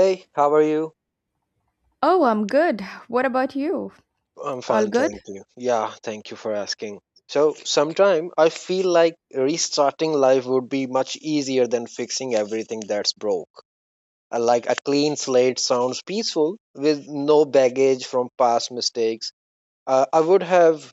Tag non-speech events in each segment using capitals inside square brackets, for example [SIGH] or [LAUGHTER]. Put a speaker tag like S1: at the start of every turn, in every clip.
S1: Hey, how are you?
S2: Oh, I'm good. What about you?
S1: I'm
S2: All
S1: fine,
S2: good?
S1: thank you. Yeah, thank you for asking. So, sometime I feel like restarting life would be much easier than fixing everything that's broke. Like a clean slate sounds peaceful with no baggage from past mistakes. I would have,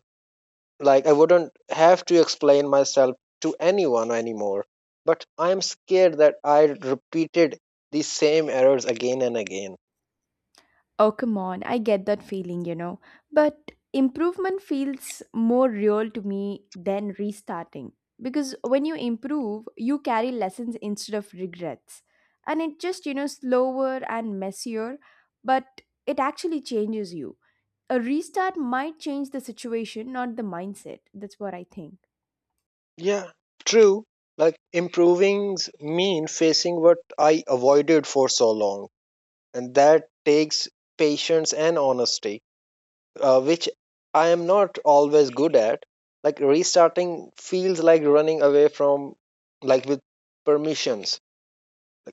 S1: like, I wouldn't have to explain myself to anyone anymore. But I'm scared that I repeated the same errors again and again.
S2: Oh, come on. I get that feeling. But improvement feels more real to me than restarting. Because when you improve, you carry lessons instead of regrets. And it just, slower and messier, but it actually changes you. A restart might change the situation, not the mindset. That's what I think.
S1: Yeah, true. Like improving mean facing what I avoided for so long, and that takes patience and honesty, which I am not always good at. Like restarting feels like running away from, like with permissions.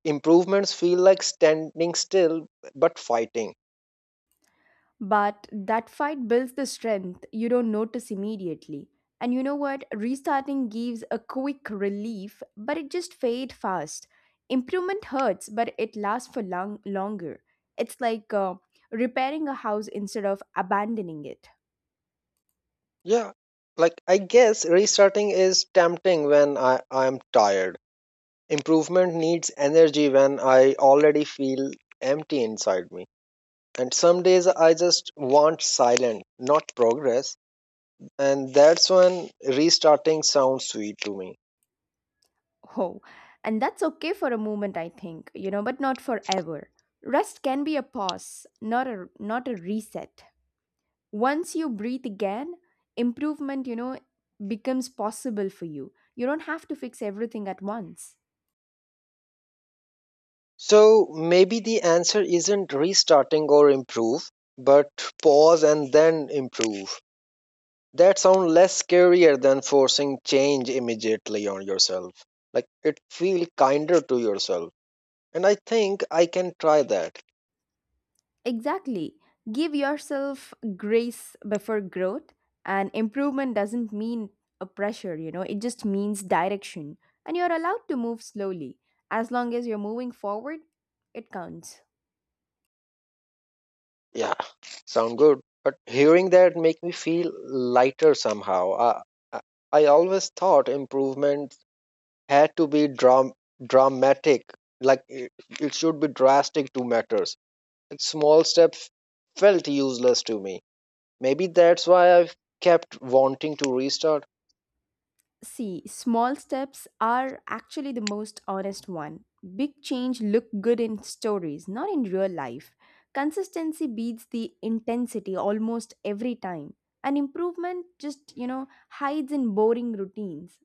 S1: Improvements feel like standing still but fighting.
S2: But that fight builds the strength you don't notice immediately. And you know what? Restarting gives a quick relief, but it just fades fast. Improvement hurts, but it lasts for long longer. It's like repairing a house instead of abandoning it.
S1: Yeah, like I guess restarting is tempting when I am tired. Improvement needs energy when I already feel empty inside me. And some days I just want silence, not progress. And that's when restarting sounds sweet to me.
S2: Oh, and that's okay for a moment, I think, but not forever. Rest can be a pause, not a reset. Once you breathe again, improvement, becomes possible for you. You don't have to fix everything at once.
S1: So maybe the answer isn't restarting or improve, but pause and then improve. That sounds less scarier than forcing change immediately on yourself. Like it feel kinder to yourself. And I think I can try that.
S2: Exactly. Give yourself grace before growth, and improvement doesn't mean a pressure, it just means direction. And you're allowed to move slowly. As long as you're moving forward, it counts.
S1: Yeah, sound good. But hearing that make me feel lighter somehow. I I always thought improvement had to be dramatic, like it should be drastic to matters. Like small steps felt useless to me. Maybe that's why I've kept wanting to restart.
S2: See, small steps are actually the most honest one. Big change look good in stories, not in real life. Consistency beats the intensity almost every time. And improvement just, hides in boring routines.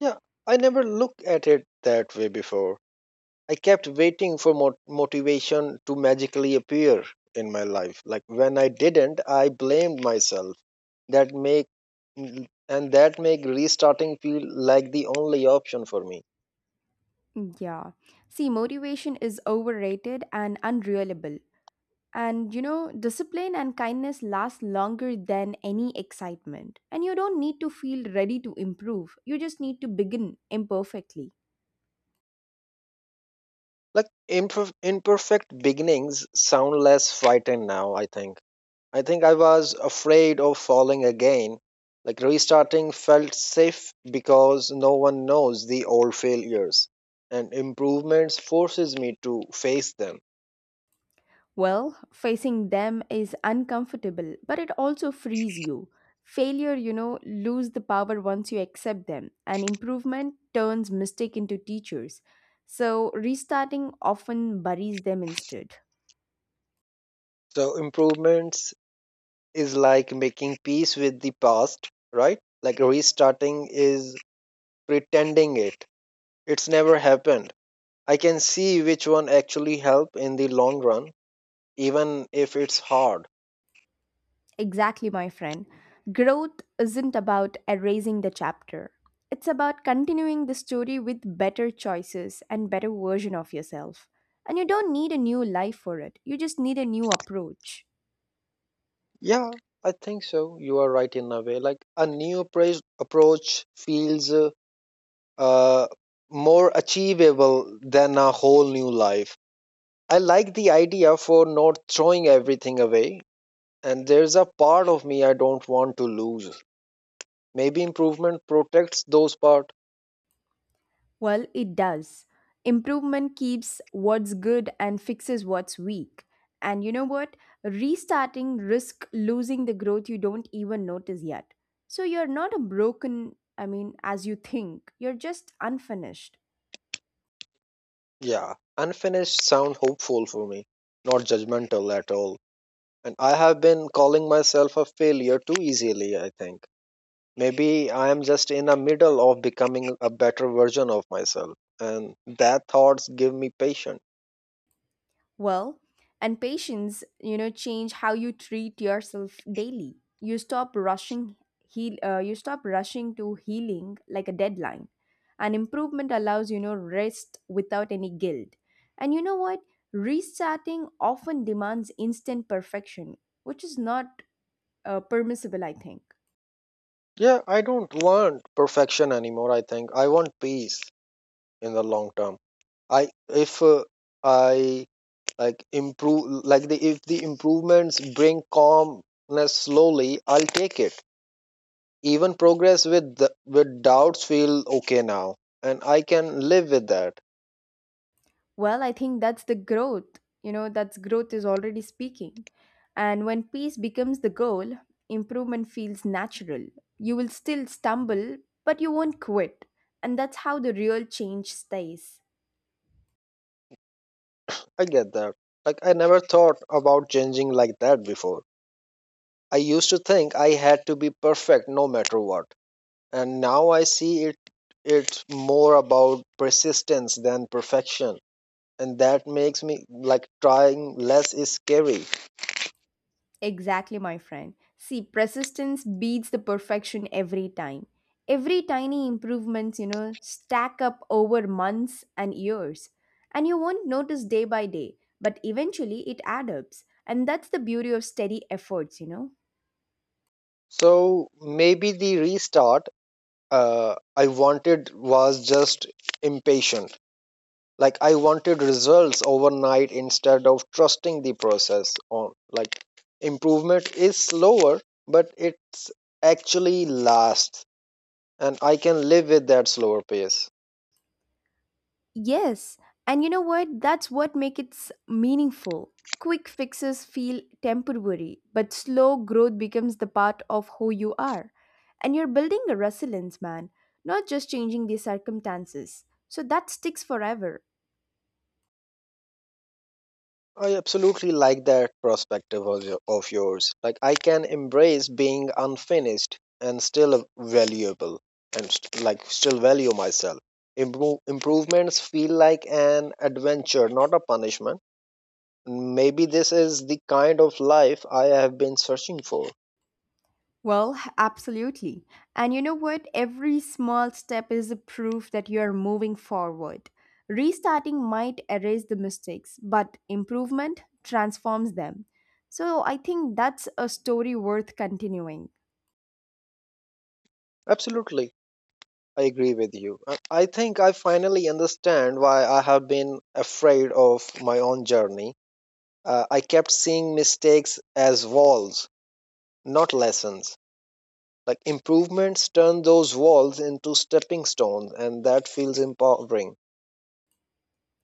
S1: Yeah, I never looked at it that way before. I kept waiting for motivation to magically appear in my life. Like when I didn't, I blamed myself. That make and that make restarting feel like the only option for me.
S2: Yeah. See, motivation is overrated and unreliable. And discipline and kindness last longer than any excitement. And you don't need to feel ready to improve. You just need to begin imperfectly.
S1: Like imperfect beginnings sound less frightened now. I think. I think I was afraid of falling again. Like restarting felt safe because no one knows the old failures, and improvements forces me to face them.
S2: Well, facing them is uncomfortable, but it also frees you. Failure, lose the power once you accept them, and improvement turns mistake into teachers. So, restarting often buries them instead.
S1: So improvements is like making peace with the past, right? Like restarting is pretending it. It's never happened. I can see which one actually help in the long run, even if it's hard.
S2: Exactly, my friend. Growth isn't about erasing the chapter. It's about continuing the story with better choices and better version of yourself. And you don't need a new life for it. You just need a new approach.
S1: Yeah, I think so. You are right in a way. Like a new approach feels uh, more achievable than a whole new life. I like the idea for not throwing everything away, and there's a part of me I don't want to lose. Maybe improvement protects those part.
S2: Well, it does. Improvement keeps what's good and fixes what's weak. And you know what? Restarting risk losing the growth you don't even notice yet. So you're not a broken, I mean, as you think. You're just unfinished.
S1: Yeah, unfinished sound hopeful for me, not judgmental at all. And I have been calling myself a failure too easily, I think. Maybe I am just in the middle of becoming a better version of myself, and that thoughts give me patience.
S2: Well, and patience, change how you treat yourself daily. You stop rushing to healing like a deadline. And improvement allows, rest without any guilt. And you know what? Restarting often demands instant perfection, which is not permissible, I think.
S1: Yeah, I don't want perfection anymore, I think. I want peace in the long term. I if I like improve, like the, if the improvements bring calmness slowly, I'll take it. Even progress with the, with doubts feel okay now, and I can live with that.
S2: Well, I think that's the growth. You know, that's growth is already speaking. And when peace becomes the goal, improvement feels natural. You will still stumble, but you won't quit. And that's how the real change stays.
S1: I get that. Like I never thought about changing like that before. I used to think I had to be perfect no matter what, and now I see it, it's more about persistence than perfection. And that makes me like trying less is scary.
S2: Exactly, my friend. See, persistence beats the perfection every time. Every tiny improvements, stack up over months and years. And you won't notice day by day, but eventually it adds up. And that's the beauty of steady efforts.
S1: So maybe the restart I wanted was just impatient. Like I wanted results overnight instead of trusting the process on, like improvement is slower, but it's actually lasts, and I can live with that slower pace.
S2: Yes, and you know what? That's what makes it meaningful. Quick fixes feel temporary, but slow growth becomes the part of who you are. And you're building a resilience, man, not just changing the circumstances. So that sticks forever.
S1: I absolutely like that perspective of, of yours. Like, I can embrace being unfinished and still valuable and like still value myself. Improvements feel like an adventure, not a punishment. Maybe this is the kind of life I have been searching for.
S2: Well, absolutely. And you know what? Every small step is a proof that you are moving forward. Restarting might erase the mistakes, but improvement transforms them. So I think that's a story worth continuing.
S1: Absolutely, I agree with you. I think I finally understand why I have been afraid of my own journey. I kept seeing mistakes as walls, not lessons. Like improvements turn those walls into stepping stones, and that feels empowering.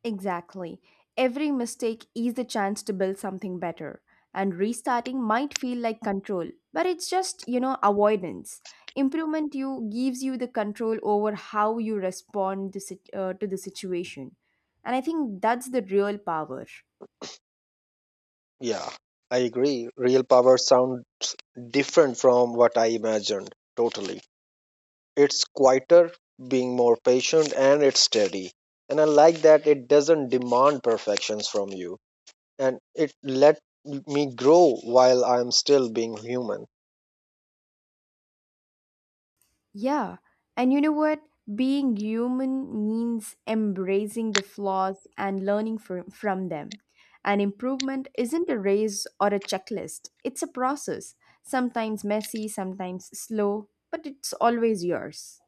S2: Exactly. Every mistake is a chance to build something better. And restarting might feel like control, but it's just, avoidance. Improvement you gives you the control over how you respond to the situation. And I think that's the real power.
S1: Yeah, I agree. Real power sound different from what I imagined. Totally, it's quieter, being more patient, and it's steady. And I like that it doesn't demand perfections from you, and it let me grow while I'm still being human.
S2: Yeah. And you know what? Being human means embracing the flaws and learning from them. And improvement isn't a race or a checklist, it's a process. Sometimes messy, sometimes slow, but it's always yours.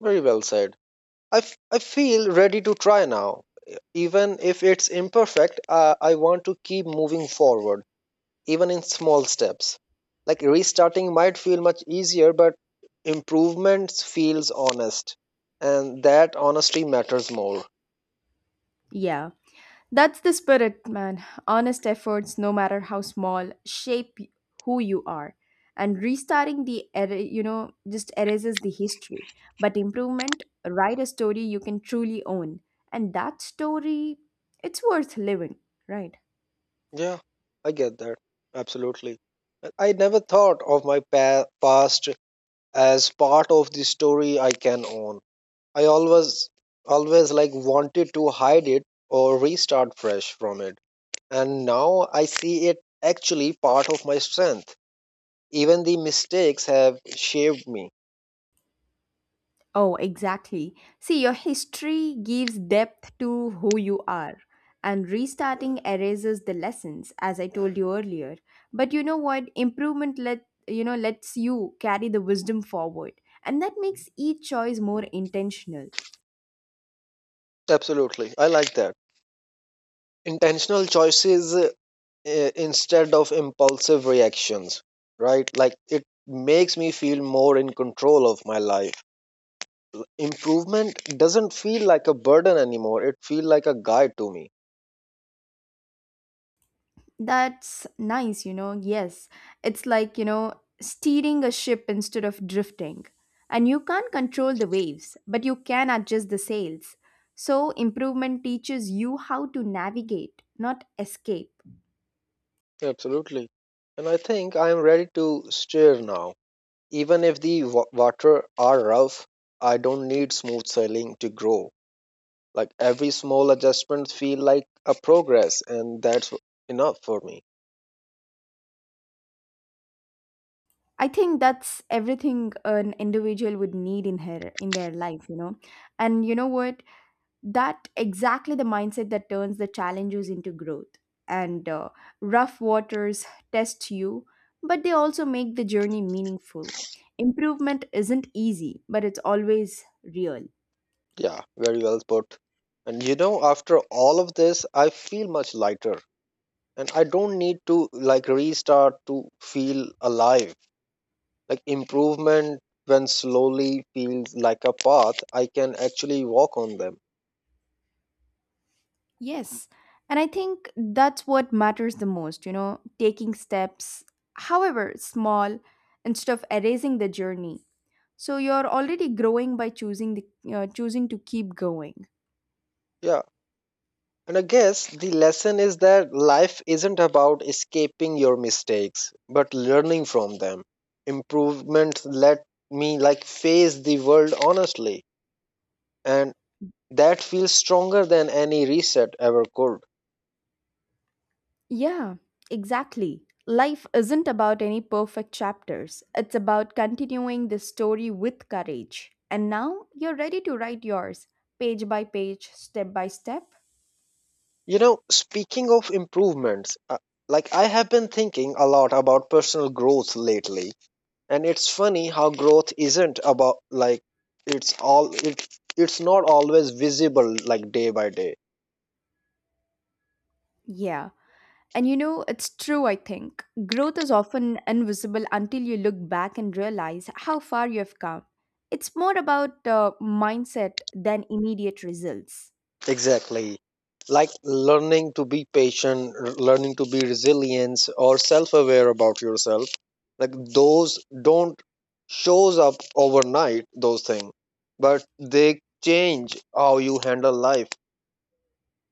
S1: Very well said. I feel ready to try now. Even if it's imperfect, I want to keep moving forward, even in small steps. Like restarting might feel much easier, but improvements feels honest. And that honesty matters more.
S2: Yeah. That's the spirit, man. Honest efforts, no matter how small, shape who you are. And restarting just erases the history. But improvement, write a story you can truly own. And that story, it's worth living, right?
S1: Yeah, I get that. Absolutely. I never thought of my past as part of the story I can own. I always, always like wanted to hide it or restart fresh from it. And now I see it actually part of my strength. Even the mistakes have shaped me.
S2: Oh, exactly. See, your history gives depth to who you are, and restarting erases the lessons, as I told you earlier. But you know what? Improvement lets you carry the wisdom forward, and that makes each choice more intentional.
S1: Absolutely. I like that. Intentional choices instead of impulsive reactions, right? Like it makes me feel more in control of my life. Improvement doesn't feel like a burden anymore. It feels like a guide to me.
S2: That's nice. Yes. It's like, steering a ship instead of drifting. And you can't control the waves, but you can adjust the sails. So, improvement teaches you how to navigate, not escape.
S1: Absolutely. And I think I am ready to steer now. Even if the water are rough, I don't need smooth sailing to grow. Like every small adjustment feel like a progress, and that's enough for me.
S2: I think that's everything an individual would need in her in their life. And you know what? That exactly the mindset that turns the challenges into growth and rough waters test you, but they also make the journey meaningful. Improvement isn't easy, but it's always real.
S1: Yeah, very well put. And you know, after all of this, I feel much lighter, and I don't need to like restart to feel alive. Like improvement, when slowly, feels like a path I can actually walk on them.
S2: Yes. And I think that's what matters the most, taking steps, however small, instead of erasing the journey. So you're already growing by choosing to keep going.
S1: Yeah. And I guess the lesson is that life isn't about escaping your mistakes, but learning from them. Improvement let me like face the world honestly, and that feels stronger than any reset ever could.
S2: Yeah, exactly. Life isn't about any perfect chapters. It's about continuing the story with courage. And now you're ready to write yours, page by page, step by step.
S1: You know, speaking of improvements, like I have been thinking a lot about personal growth lately, and it's funny how growth isn't about like, it's all, it's not always visible like day by day.
S2: Yeah. And you know, it's true, I think. Growth is often invisible until you look back and realize how far you have come. It's more about mindset than immediate results.
S1: Exactly. Like learning to be patient, learning to be resilient or self-aware about yourself. Like those don't shows up overnight those things, but they change how you handle life.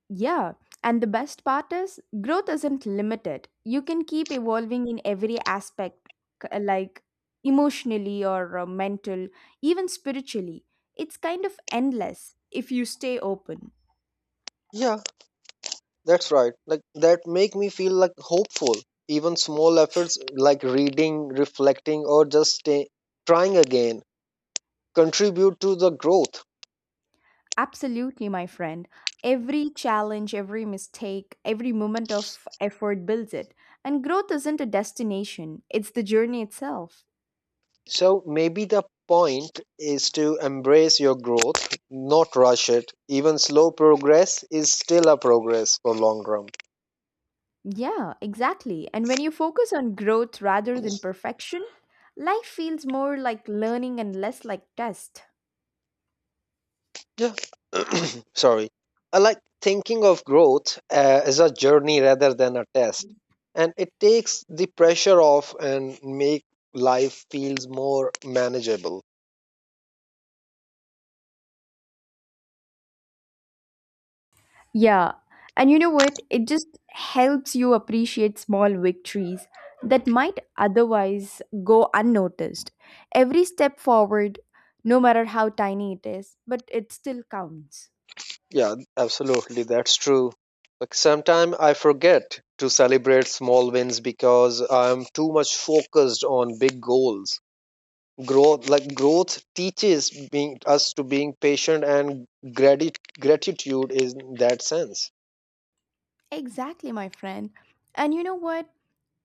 S2: Yeah, and the best part is growth isn't limited. You can keep evolving in every aspect, like emotionally or mental, even spiritually. It's kind of endless if you stay open.
S1: Yeah, that's right. Like that make me feel like hopeful. Even small efforts like reading, reflecting, or just trying again contribute to the growth.
S2: Absolutely, my friend. Every challenge, every mistake, every moment of effort builds it. And growth isn't a destination, it's the journey itself.
S1: So maybe the point is to embrace your growth, not rush it. Even slow progress is still a progress for long run.
S2: Yeah, exactly. And when you focus on growth rather than perfection, life feels more like learning and less like test.
S1: Yeah. [CLEARS THROAT] Sorry. I like thinking of growth as a journey rather than a test. And it takes the pressure off and make life feels more manageable.
S2: Yeah. And you know what? It just helps you appreciate small victories that might otherwise go unnoticed. Every step forward, no matter how tiny it is, but it still counts.
S1: Yeah, absolutely. That's true. Like sometimes I forget to celebrate small wins because I'm too much focused on big goals. Growth, like growth teaches being us to being patient and gratitude is in that sense.
S2: Exactly, my friend. And you know what?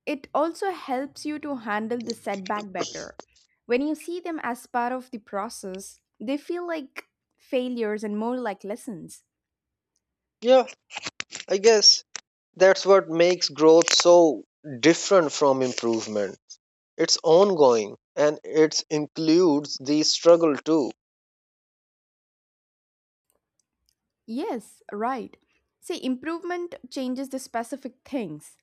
S2: It also helps you to handle the setback better. When you see them as part of the process, they feel like failures and more like lessons.
S1: Yeah, I guess that's what makes growth so different from improvement. It's ongoing and it includes the struggle too.
S2: Yes, right. See, improvement changes the specific things,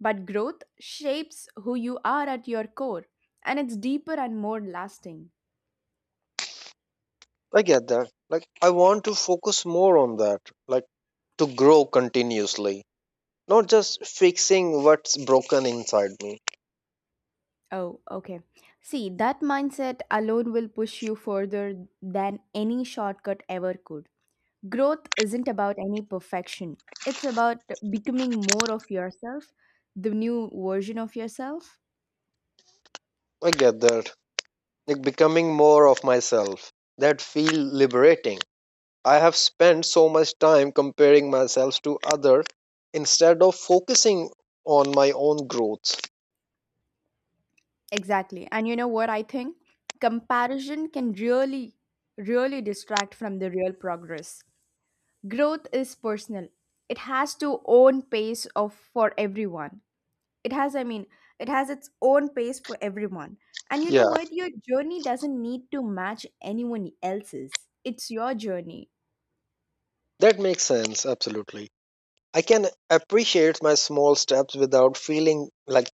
S2: but growth shapes who you are at your core, and it's deeper and more lasting.
S1: I get that. Like I want to focus more on that, like to grow continuously, not just fixing what's broken inside me.
S2: Oh, okay. See, that mindset alone will push you further than any shortcut ever could. Growth isn't about any perfection, it's about becoming more of yourself, the new version of yourself.
S1: I get that. Like becoming more of myself, that feel liberating. I have spent so much time comparing myself to other instead of focusing on my own growth.
S2: Exactly. And you know what I think? Comparison can really, really distract from the real progress. Growth is personal, it has to own pace of for everyone. It has, I mean, it has its own pace for everyone. And you know
S1: Yeah,
S2: what? Your journey doesn't need to match anyone else's. It's your journey.
S1: that makes sense absolutely. I can appreciate my small steps without feeling like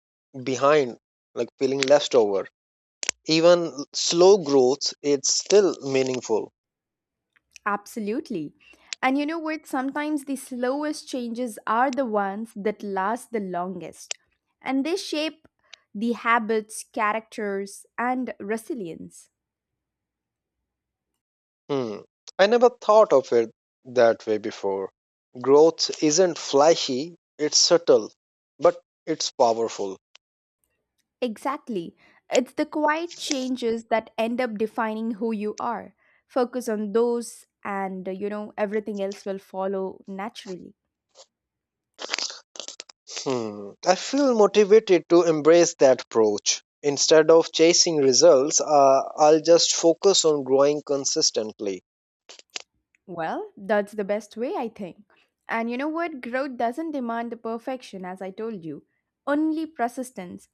S1: behind, like feeling left over. Even slow growth, it's still meaningful.
S2: Absolutely. And you know what? Sometimes the slowest changes are the ones that last the longest, and they shape the habits, characters, and resilience.
S1: Hmm. I never thought of it that way before. Growth isn't flashy, it's subtle, but it's powerful.
S2: Exactly. It's the quiet changes that end up defining who you are. Focus on those, and everything else will follow naturally.
S1: Hmm. I feel motivated to embrace that approach. Instead of chasing results, I'll just focus on growing consistently.
S2: Well, that's the best way, I think. And you know what? Growth doesn't demand the perfection, as I told you, only persistence.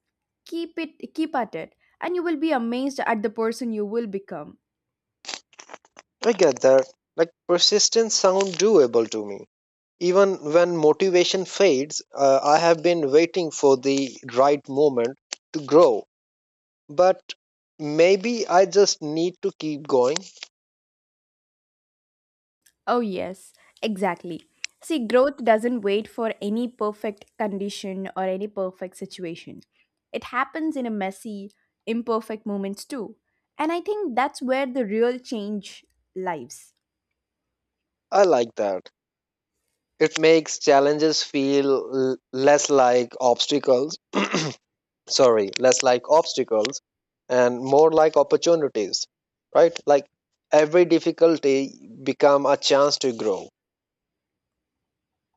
S2: Keep it, keep at it, and you will be amazed at the person you will become.
S1: I get that. Like persistence sound doable to me. Even when motivation fades, I have been waiting for the right moment to grow. But maybe I just need to keep going.
S2: Oh, yes, exactly. See, growth doesn't wait for any perfect condition or any perfect situation. It happens in a messy, imperfect moments too. And I think that's where the real change lives.
S1: I like that. It makes challenges feel less like obstacles, sorry, less like obstacles and more like opportunities, right? Like every difficulty become a chance to grow.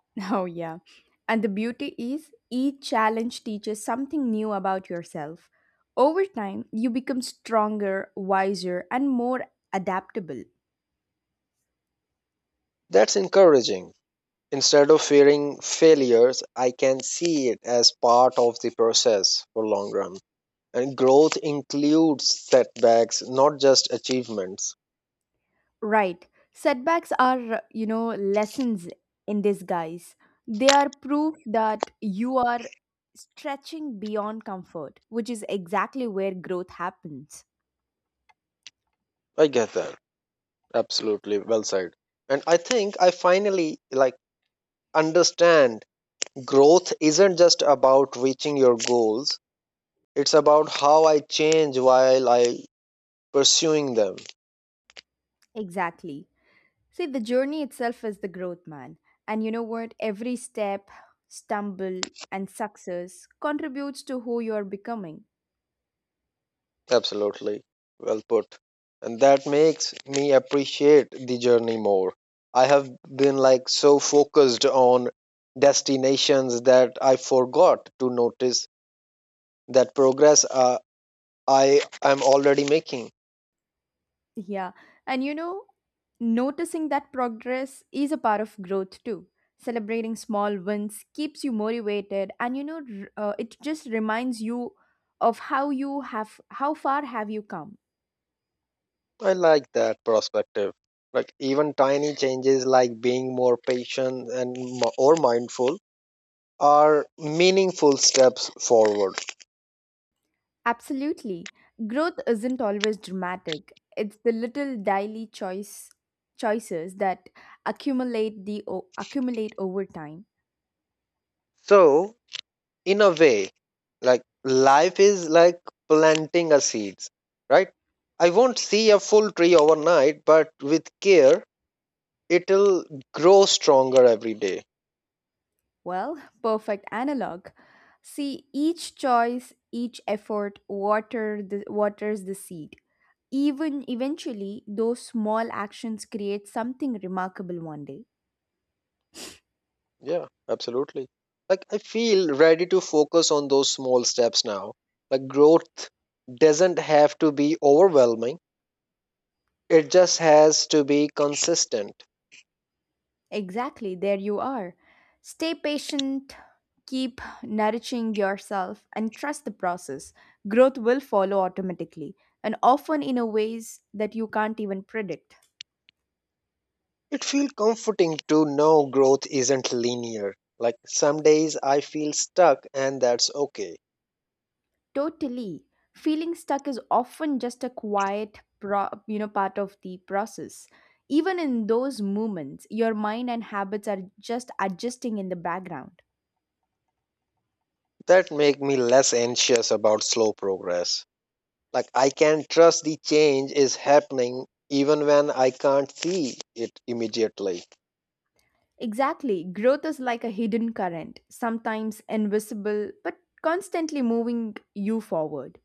S2: [LAUGHS] Oh, yeah. And the beauty is, each challenge teaches something new about yourself. Over time, you become stronger, wiser, and more adaptable.
S1: That's encouraging. Instead of fearing failures, I can see it as part of the process for long run. And growth includes setbacks, not just achievements.
S2: Right. Setbacks are, lessons in disguise. They are proof that you are stretching beyond comfort, which is exactly where growth happens.
S1: I get that. Absolutely. Well said. And I think I finally like understand growth isn't just about reaching your goals. It's about how I change while I pursuing them.
S2: Exactly. See, the journey itself is the growth, man. And you know what? Every step, stumble, and success contributes to who you are becoming.
S1: Absolutely. Well put. And that makes me appreciate the journey more. I have been like so focused on destinations that I forgot to notice that progress I am already making.
S2: Yeah. And you know, noticing that progress is a part of growth too. Celebrating small wins keeps you motivated, and it just reminds you of how far have you come.
S1: I like that perspective. Like even tiny changes like being more patient and or mindful are meaningful steps forward.
S2: Absolutely. Growth isn't always dramatic. It's the little daily choices that accumulate over time.
S1: So, in a way, like life is like planting a seeds, right? I won't see a full tree overnight, but with care, it'll grow stronger every day.
S2: Well, perfect analog. See each choice, each effort waters the seed. Even eventually, those small actions create something remarkable one day.
S1: Yeah, absolutely. Like I feel ready to focus on those small steps now. Like growth doesn't have to be overwhelming, it just has to be consistent.
S2: Exactly, there you are. Stay patient, keep nourishing yourself, and trust the process. Growth will follow automatically, and often in a ways that you can't even predict.
S1: It feels comforting to know growth isn't linear. Like some days I feel stuck, and that's okay.
S2: Totally. Feeling stuck is often just a quiet part of the process. Even in those moments, your mind and habits are just adjusting in the background.
S1: That make me less anxious about slow progress. Like I can trust the change is happening even when I can't see it immediately.
S2: Exactly. Growth is like a hidden current, sometimes invisible but constantly moving you forward.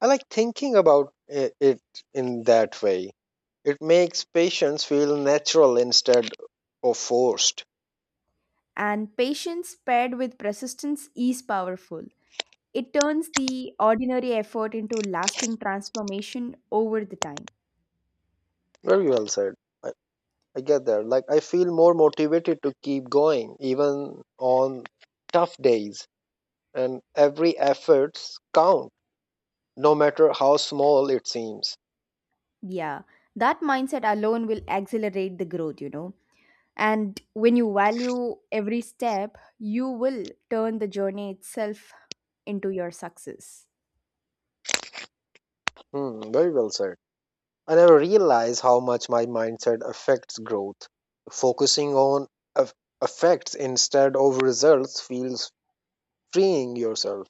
S1: I like thinking about it in that way. It makes patients feel natural instead of forced.
S2: And patience paired with persistence is powerful. It turns the ordinary effort into lasting transformation over the time.
S1: Very well said. I, I get that. Like I feel more motivated to keep going even on tough days, and every efforts count no matter how small it seems.
S2: Yeah, that mindset alone will accelerate the growth. And when you value every step, you will turn the journey itself into your success.
S1: Hmm, very well said. I never realized how much my mindset affects growth. Focusing on eff- effects instead of results feels freeing yourself.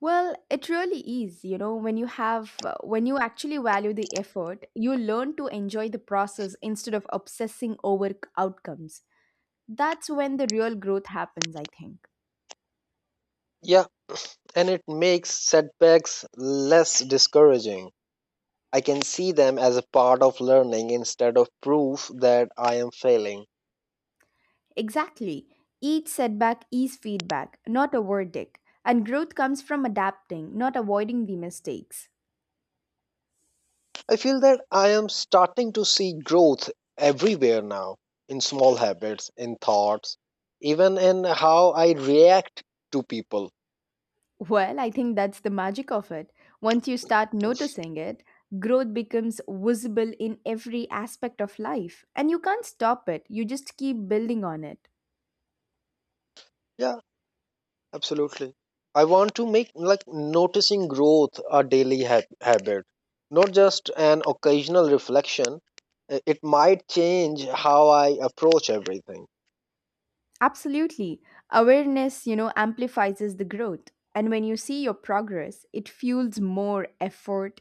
S2: Well, it really is, when you actually value the effort, you learn to enjoy the process instead of obsessing over outcomes. That's when the real growth happens, I think.
S1: Yeah, and it makes setbacks less discouraging. I can see them as a part of learning instead of proof that I am failing.
S2: Exactly. Each setback is feedback, not a verdict. And growth comes from adapting, not avoiding the mistakes.
S1: I feel that I am starting to see growth everywhere now, in small habits, in thoughts, even in how I react to people.
S2: Well, I think that's the magic of it. Once you start noticing it, growth becomes visible in every aspect of life. And you can't stop it, you just keep building on it.
S1: Yeah, absolutely. I want to make like noticing growth a daily habit, not just an occasional reflection. I- It might change how I approach everything.
S2: Absolutely. Awareness, amplifies the growth. And when you see your progress, it fuels more effort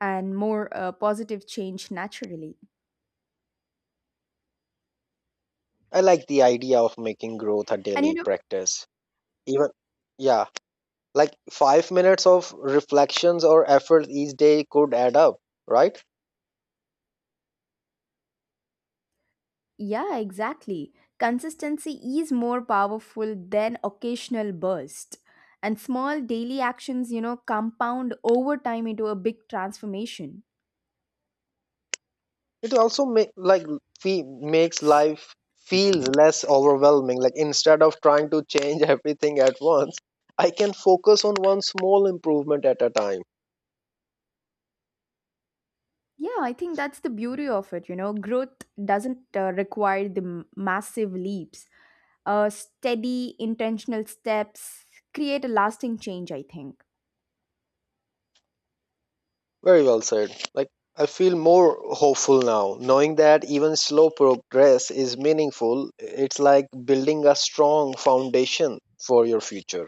S2: and more positive change naturally.
S1: I like the idea of making growth a
S2: And you
S1: daily
S2: know,
S1: practice. Even, yeah, like 5 minutes of reflections or effort each day could add up, right?
S2: Yeah, exactly. Consistency is more powerful than occasional burst. And small daily actions, compound over time into a big transformation.
S1: It also make like fe- makes life feel less overwhelming, like instead of trying to change [LAUGHS] everything at once, I can focus on one small improvement at a time.
S2: Yeah, I think that's the beauty of it. You know, growth doesn't require the massive leaps. Steady, intentional steps create a lasting change, I think.
S1: Very well said. Like I feel more hopeful now knowing that even slow progress is meaningful. It's like building a strong foundation for your future.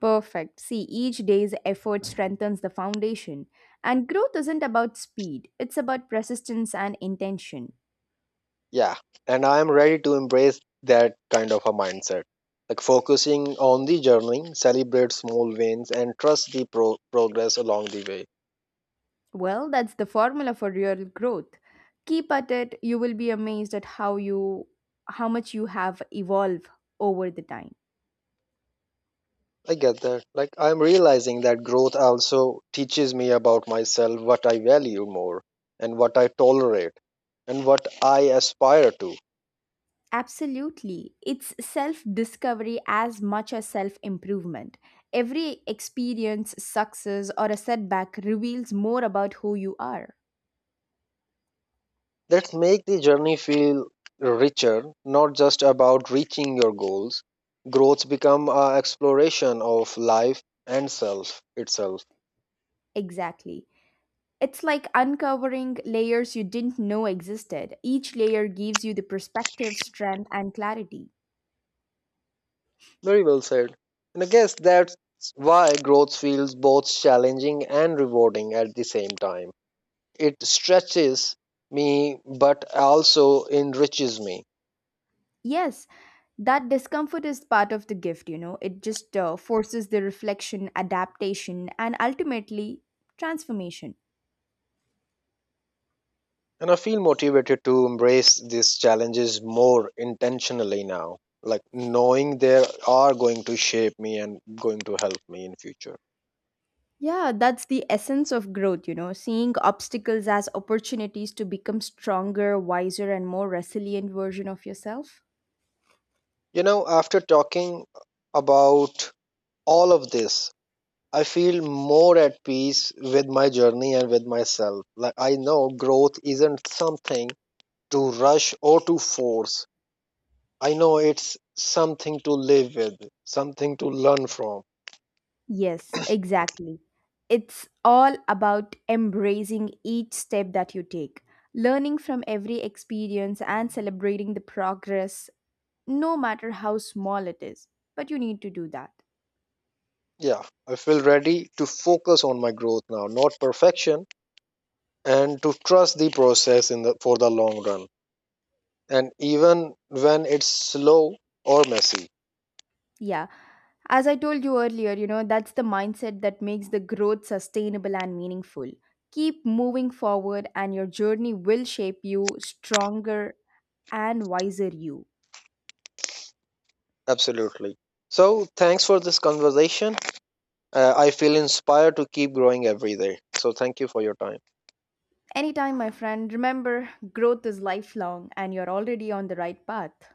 S2: Perfect. See, each day's effort strengthens the foundation. And growth isn't about speed, it's about persistence and intention.
S1: Yeah, and I'm ready to embrace that kind of a mindset. Like focusing on the journey, celebrate small wins, and trust the progress along the way.
S2: Well, that's the formula for real growth. Keep at it, you will be amazed at how much you have evolved over the time.
S1: I get that. Like, I'm realizing that growth also teaches me about myself, what I value more, and what I tolerate, and what I aspire to.
S2: Absolutely. It's self discovery as much as self improvement. Every experience, success, or a setback reveals more about who you are.
S1: That make the journey feel richer, not just about reaching your goals. Growths become a exploration of life and self itself.
S2: Exactly. It's like uncovering layers you didn't know existed. Each layer gives you the perspective, strength, and clarity.
S1: Very well said. And I guess that's why growth feels both challenging and rewarding at the same time. It stretches me, but also enriches me.
S2: Yes, that discomfort is part of the gift. It just forces the reflection, adaptation, and ultimately transformation.
S1: And I feel motivated to embrace these challenges more intentionally now. Like knowing they are going to shape me and going to help me in future.
S2: Yeah, that's the essence of growth, seeing obstacles as opportunities to become stronger, wiser, and more resilient version of yourself.
S1: You know, after talking about all of this, I feel more at peace with my journey and with myself. Like I know growth isn't something to rush or to force. I know it's something to live with, something to learn from.
S2: Yes, exactly. It's all about embracing each step that you take, learning from every experience and celebrating the progress no matter how small it is. But you need to do that.
S1: Yeah, I feel ready to focus on my growth now, not perfection, and to trust the process in the for the long run. And even when it's slow or messy.
S2: Yeah. As I told you earlier, that's the mindset that makes the growth sustainable and meaningful. Keep moving forward, and your journey will shape you stronger and wiser you.
S1: Absolutely. So, thanks for this conversation. I feel inspired to keep growing every day. So thank you for your time.
S2: Anytime, my friend, remember growth is lifelong and you're already on the right path.